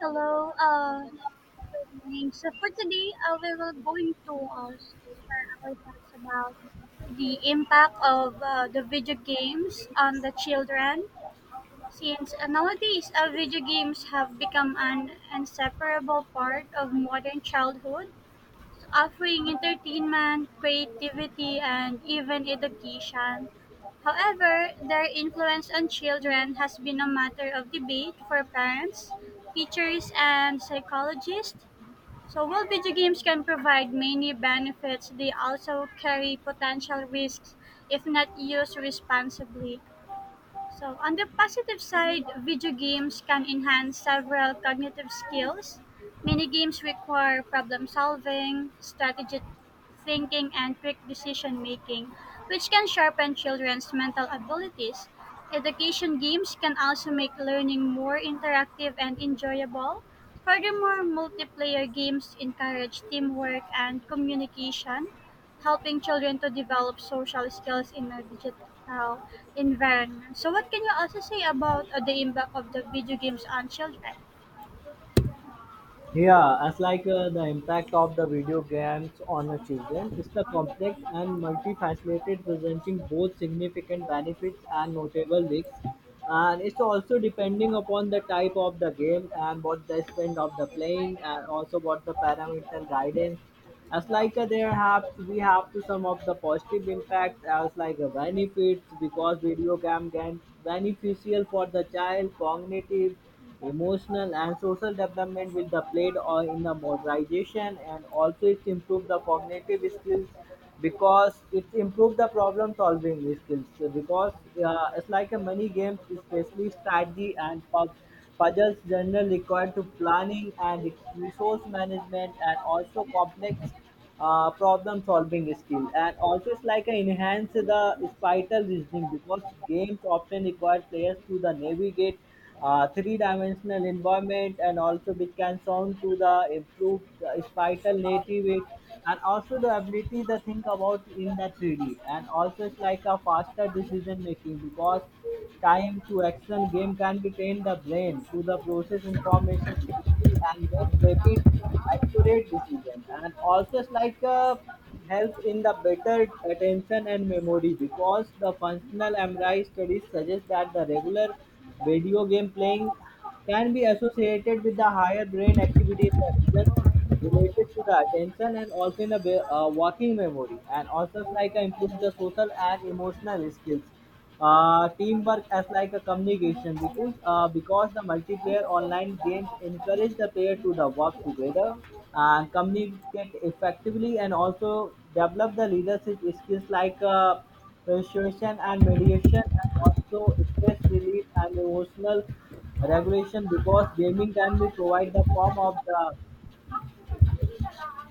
Hello, good morning. So for today, we will going to share our thoughts about the impact of the video games on the children. Since nowadays, video games have become an inseparable part of modern childhood, offering entertainment, creativity, and even education. However, their influence on children has been a matter of debate for parents, teachers, and psychologists. So while video games can provide many benefits, they also carry potential risks if not used responsibly. So, on the positive side, video games can enhance several cognitive skills. Many games require problem solving, strategic thinking, and quick decision making, which can sharpen children's mental abilities. Education games can also make learning more interactive and enjoyable. Furthermore, multiplayer games encourage teamwork and communication, helping children to develop social skills in a digital environment. So, what can you also say about the impact of the video games on children? Yeah, as like the impact of the video games on the children is the complex and multifaceted, presenting both significant benefits and notable risks. And it's also depending upon the type of the game and what the spend of the playing, and also what the parental guidance as like we have to sum up the positive impacts as like benefits because video game can beneficial for the child cognitive emotional and social development with the played or in the modernization and also it's improve the cognitive skills because it's improved the problem solving skills. So because it's like a many games especially strategy and puzzles generally required to planning and resource management and also complex problem solving skill and also it's like a enhance the spatial reasoning because games often require players to the navigate three-dimensional environment and also which can sound to the improved spatial native it, and also the ability to think about in the 3D. And also it's like a faster decision making because time to action game can be trained the brain to the process information quickly and make rapid accurate decision and also it's like help in the better attention and memory because the functional MRI studies suggest that the regular video game playing can be associated with the higher brain activity in the region related to the attention and also in a working memory and also it's like improve the social and emotional skills teamwork as like a communication because the multiplayer online games encourage the player to the work together and communicate effectively and also develop the leadership skills like persuasion and mediation and also stress relief and emotional regulation because gaming can be provide the form of the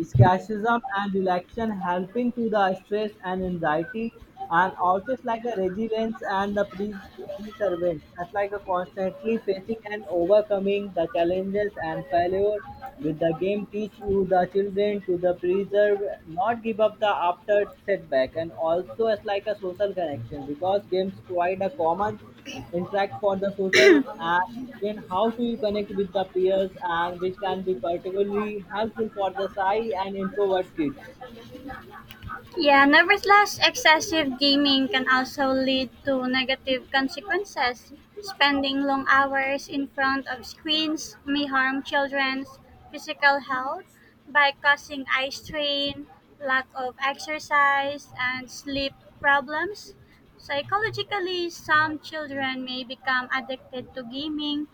escapism and relaxation helping to the stress and anxiety and also it's like a resilience and the pre perseverance. That's like a constantly facing and overcoming the challenges and failure with the game teach you the children to the preserve not give up the after setback and also it's like a social connection because games provide a common interact for the social and then how to you connect with the peers and which can be particularly helpful for the shy and introvert kids. Yeah, nevertheless, excessive gaming can also lead to negative consequences. Spending long hours in front of screens may harm children's physical health by causing eye strain, lack of exercise, and sleep problems. Psychologically, some children may become addicted to gaming,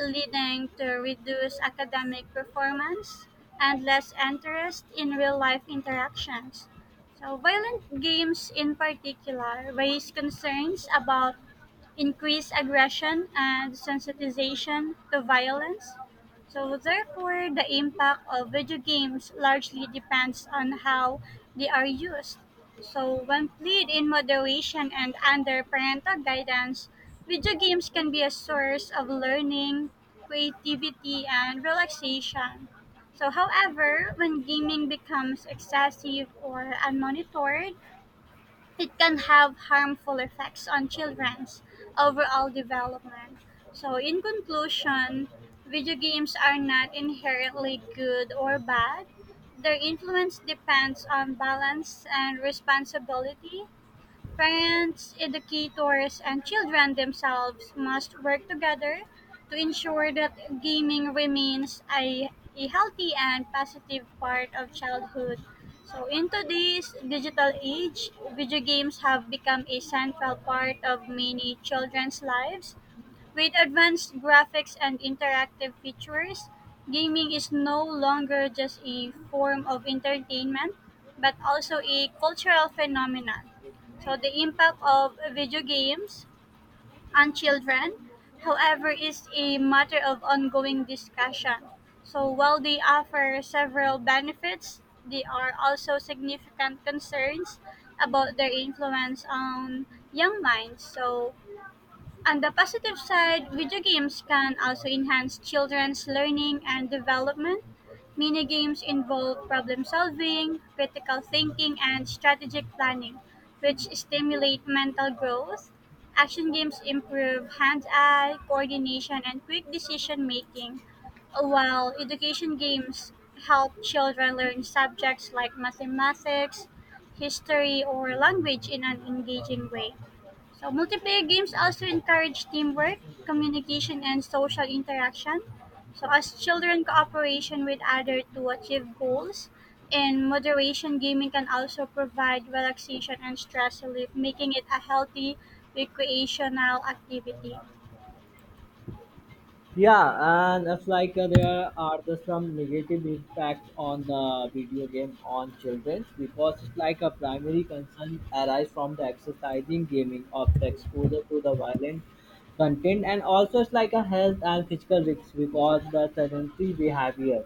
leading to reduced academic performance and less interest in real life interactions. So, violent games in particular raise concerns about increased aggression and sensitization to violence. So, therefore, the impact of video games largely depends on how they are used. So, when played in moderation and under parental guidance, video games can be a source of learning, creativity, and relaxation. So, however, when gaming becomes excessive or unmonitored, it can have harmful effects on children's overall development. So, in conclusion, video games are not inherently good or bad. Their influence depends on balance and responsibility. Parents, educators, and children themselves must work together to ensure that gaming remains a healthy and positive part of childhood. So, in today's digital age, video games have become a central part of many children's lives. With advanced graphics and interactive features, gaming is no longer just a form of entertainment but also a cultural phenomenon. So the impact of video games on children, however, is a matter of ongoing discussion. So while they offer several benefits, there are also significant concerns about their influence on young minds. So on the positive side, video games can also enhance children's learning and development. Mini games involve problem solving, critical thinking, and strategic planning, which stimulate mental growth. Action games improve hand eye coordination and quick decision making, while education games help children learn subjects like mathematics, history, or language in an engaging way. So multiplayer games also encourage teamwork, communication, and social interaction. So as children cooperation with others to achieve goals, in moderation gaming can also provide relaxation and stress relief, making it a healthy recreational activity. Yeah, and it's like there are the some negative impacts on the video game on children because it's like a primary concern arise from the exercising gaming of the exposure to the violent content and also it's like a health and physical risks because the sedentary behavior.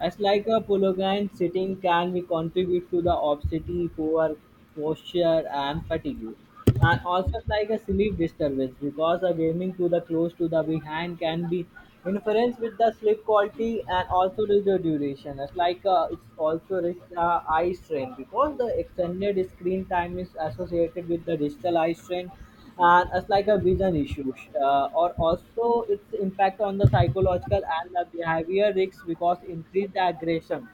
It's like a prolonged sitting can be contribute to the obesity, poor posture and fatigue. And also it's like a sleep disturbance because a gaming to the close to the behind can be interference with the sleep quality and also the duration. It's like it's also risks eye strain because the extended screen time is associated with the digital eye strain and it's like a vision issue or also its impact on the psychological and the behavior risks because increase the aggression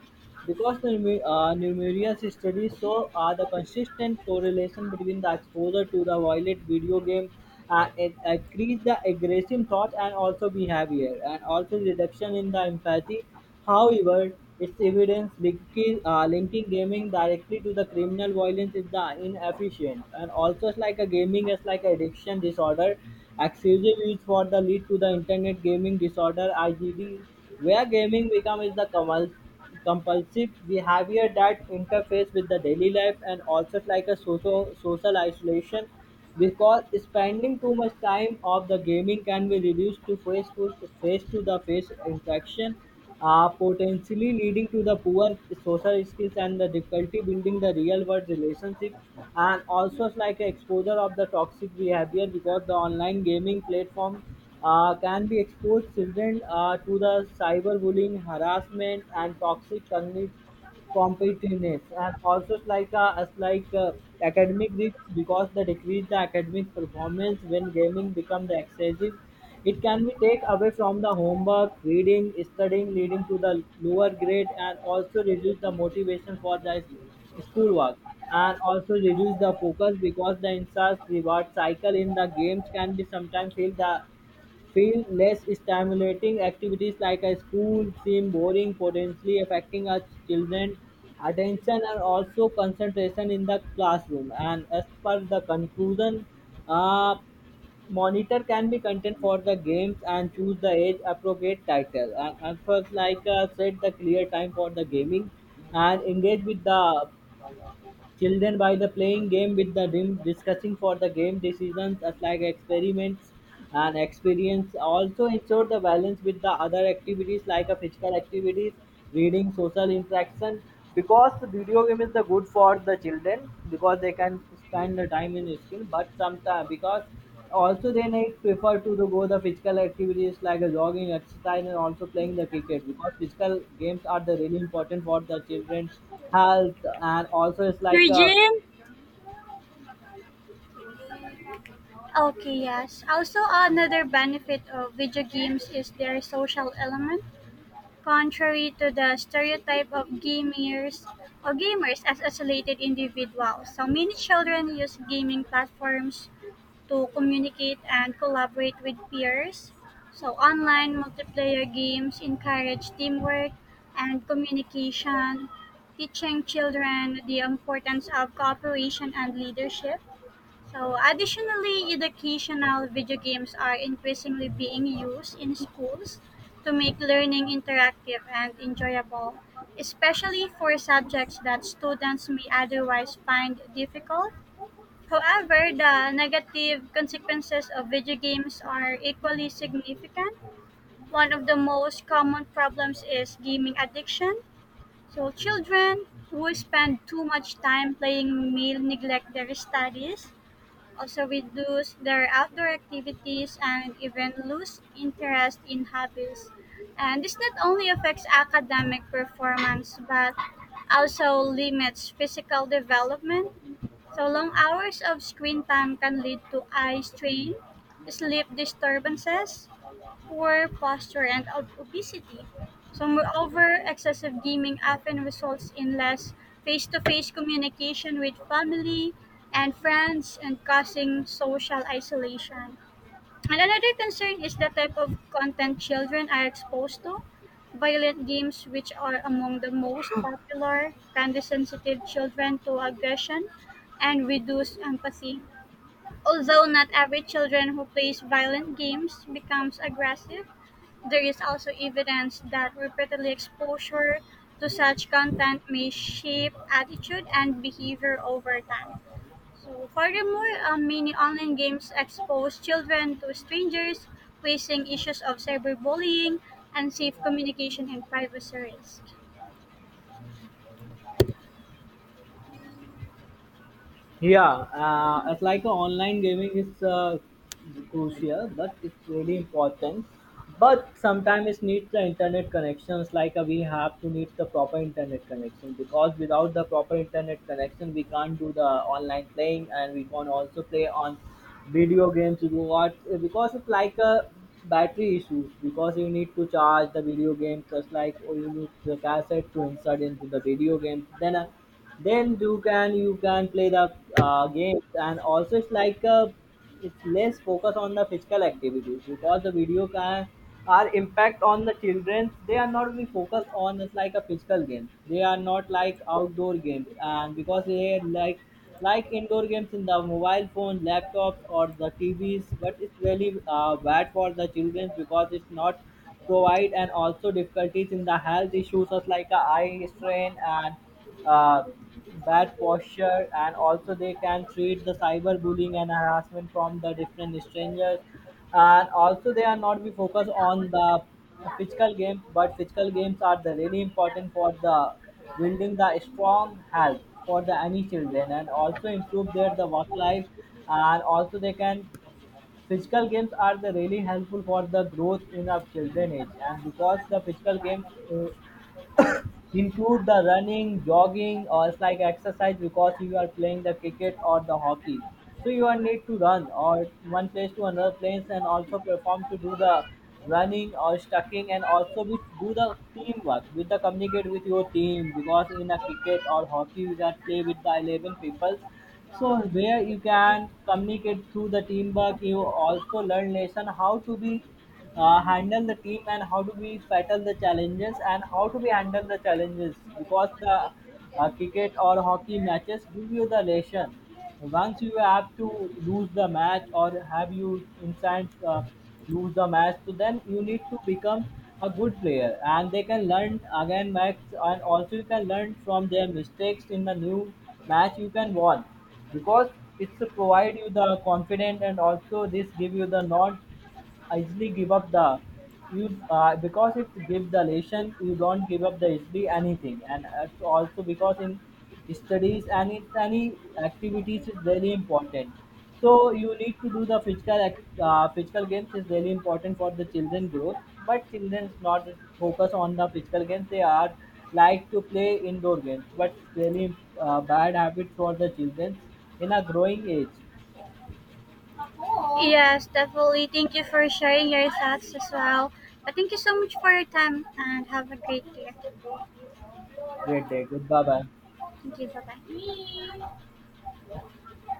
because the numerous studies show the consistent correlation between the exposure to the violent video game it increase the aggressive thought and also behavior and also reduction in the empathy. However, its evidence linking gaming directly to the criminal violence is the inefficient, and also it's like a gaming is like addiction disorder. Excessive use for the lead to the internet gaming disorder (IGD), where gaming becomes the compulsive behavior that interferes with the daily life and also it's like a social isolation because spending too much time of the gaming can be reduced to face to face to the face interaction, potentially leading to the poor social skills and the difficulty building the real world relationship and also it's like a exposure of the toxic behavior because the online gaming platform can be exposed children to the cyberbullying harassment and toxic cognitive competitiveness and also it's like as like academic risks because they decrease the academic performance when gaming become the excessive it can be take away from the homework reading studying leading to the lower grade and also reduce the motivation for the schoolwork and also reduce the focus because the insert reward cycle in the games can be sometimes feel less stimulating activities like a school seem boring, potentially affecting our children attention and also concentration in the classroom. And as per the conclusion, uh, monitor can be content for the games and choose the age appropriate title. And first, like set the clear time for the gaming and engage with the children by the playing game with the rim, discussing for the game decisions as like experiments and experience. Also ensure the balance with the other activities like a physical activities, reading, social interaction. Because the video game is the good for the children because they can spend the time in skill, but sometimes because also they need prefer to the, go the physical activities like a jogging exercise and also playing the cricket because physical games are the really important for the children health and also it's like a. Regine? Okay, yes. Also, another benefit of video games is their social element. Contrary to the stereotype of gamers or gamers as isolated individuals, so many children use gaming platforms to communicate and collaborate with peers. So online multiplayer games encourage teamwork and communication, teaching children the importance of cooperation and leadership. So, additionally, educational video games are increasingly being used in schools to make learning interactive and enjoyable, especially for subjects that students may otherwise find difficult. However, the negative consequences of video games are equally significant. One of the most common problems is gaming addiction. So, children who spend too much time playing may neglect their studies, also reduce their outdoor activities and even lose interest in hobbies. And this not only affects academic performance but also limits physical development. So long hours of screen time can lead to eye strain, sleep disturbances, poor posture and obesity. So, moreover, excessive gaming often results in less face to face communication with family and friends and causing social isolation. And another concern is the type of content children are exposed to. Violent games, which are among the most popular, can desensitive children to aggression and reduce empathy. Although not every children who plays violent games becomes aggressive, there is also evidence that repeated exposure to such content may shape attitude and behavior over time. So, furthermore, many online games expose children to strangers, facing issues of cyberbullying, and safe communication and privacy risk. Yeah, it's like a online gaming is crucial, but it's really important. But sometimes it needs the internet connections. Like we have to need the proper internet connection because without the proper internet connection, we can't do the online playing, and we can also play on video games. You watch because it's like a battery issues because you need to charge the video games just like or you need the cassette to insert into the video game. Then you can play the games and also it's like a it's less focus on the physical activities because the video can are impact on the children they are not be focused on it's like a physical game they are not like outdoor games and because they are like indoor games in the mobile phone laptops or the TVs but it's really bad for the children because it's not provide and also difficulties in the health issues such like a eye strain and uh, bad posture and also they can treat the cyberbullying and harassment from the different strangers and also they are not be focused on the physical games but physical games are the really important for the building the strong health for the any children and also improve their the work life and also they can physical games are the really helpful for the growth in our children age and because the physical games uh, Include the running, jogging, or it's like exercise because you are playing the cricket or the hockey. So you are need to run or one place to another place and also perform to do the running or stucking and also we do the teamwork with the communicate with your team because in a cricket or hockey you can play with the 11 peoples, so where you can communicate through the teamwork you also learn lesson how to be handle the team and how do we battle the challenges and how do we handle the challenges because the cricket or hockey matches give you the lesson once you have to lose the match or have you instant lose the match, so then you need to become a good player and they can learn again max and also you can learn from their mistakes in the new match you can won because it's to provide you the confidence and also this give you the nod easily give up the you because if you give the lesson you don't give up the easily anything and it's also because in studies and it's any activities is really important, so you need to do the physical games is really important for the children growth but children's not focus on the physical games they are like to play indoor games but it's really bad habit for the children in a growing age. Yes, definitely. Thank you for sharing your thoughts as well. But thank you so much for your time and have a great day. Great day. Goodbye. Bye. Thank you. Bye bye.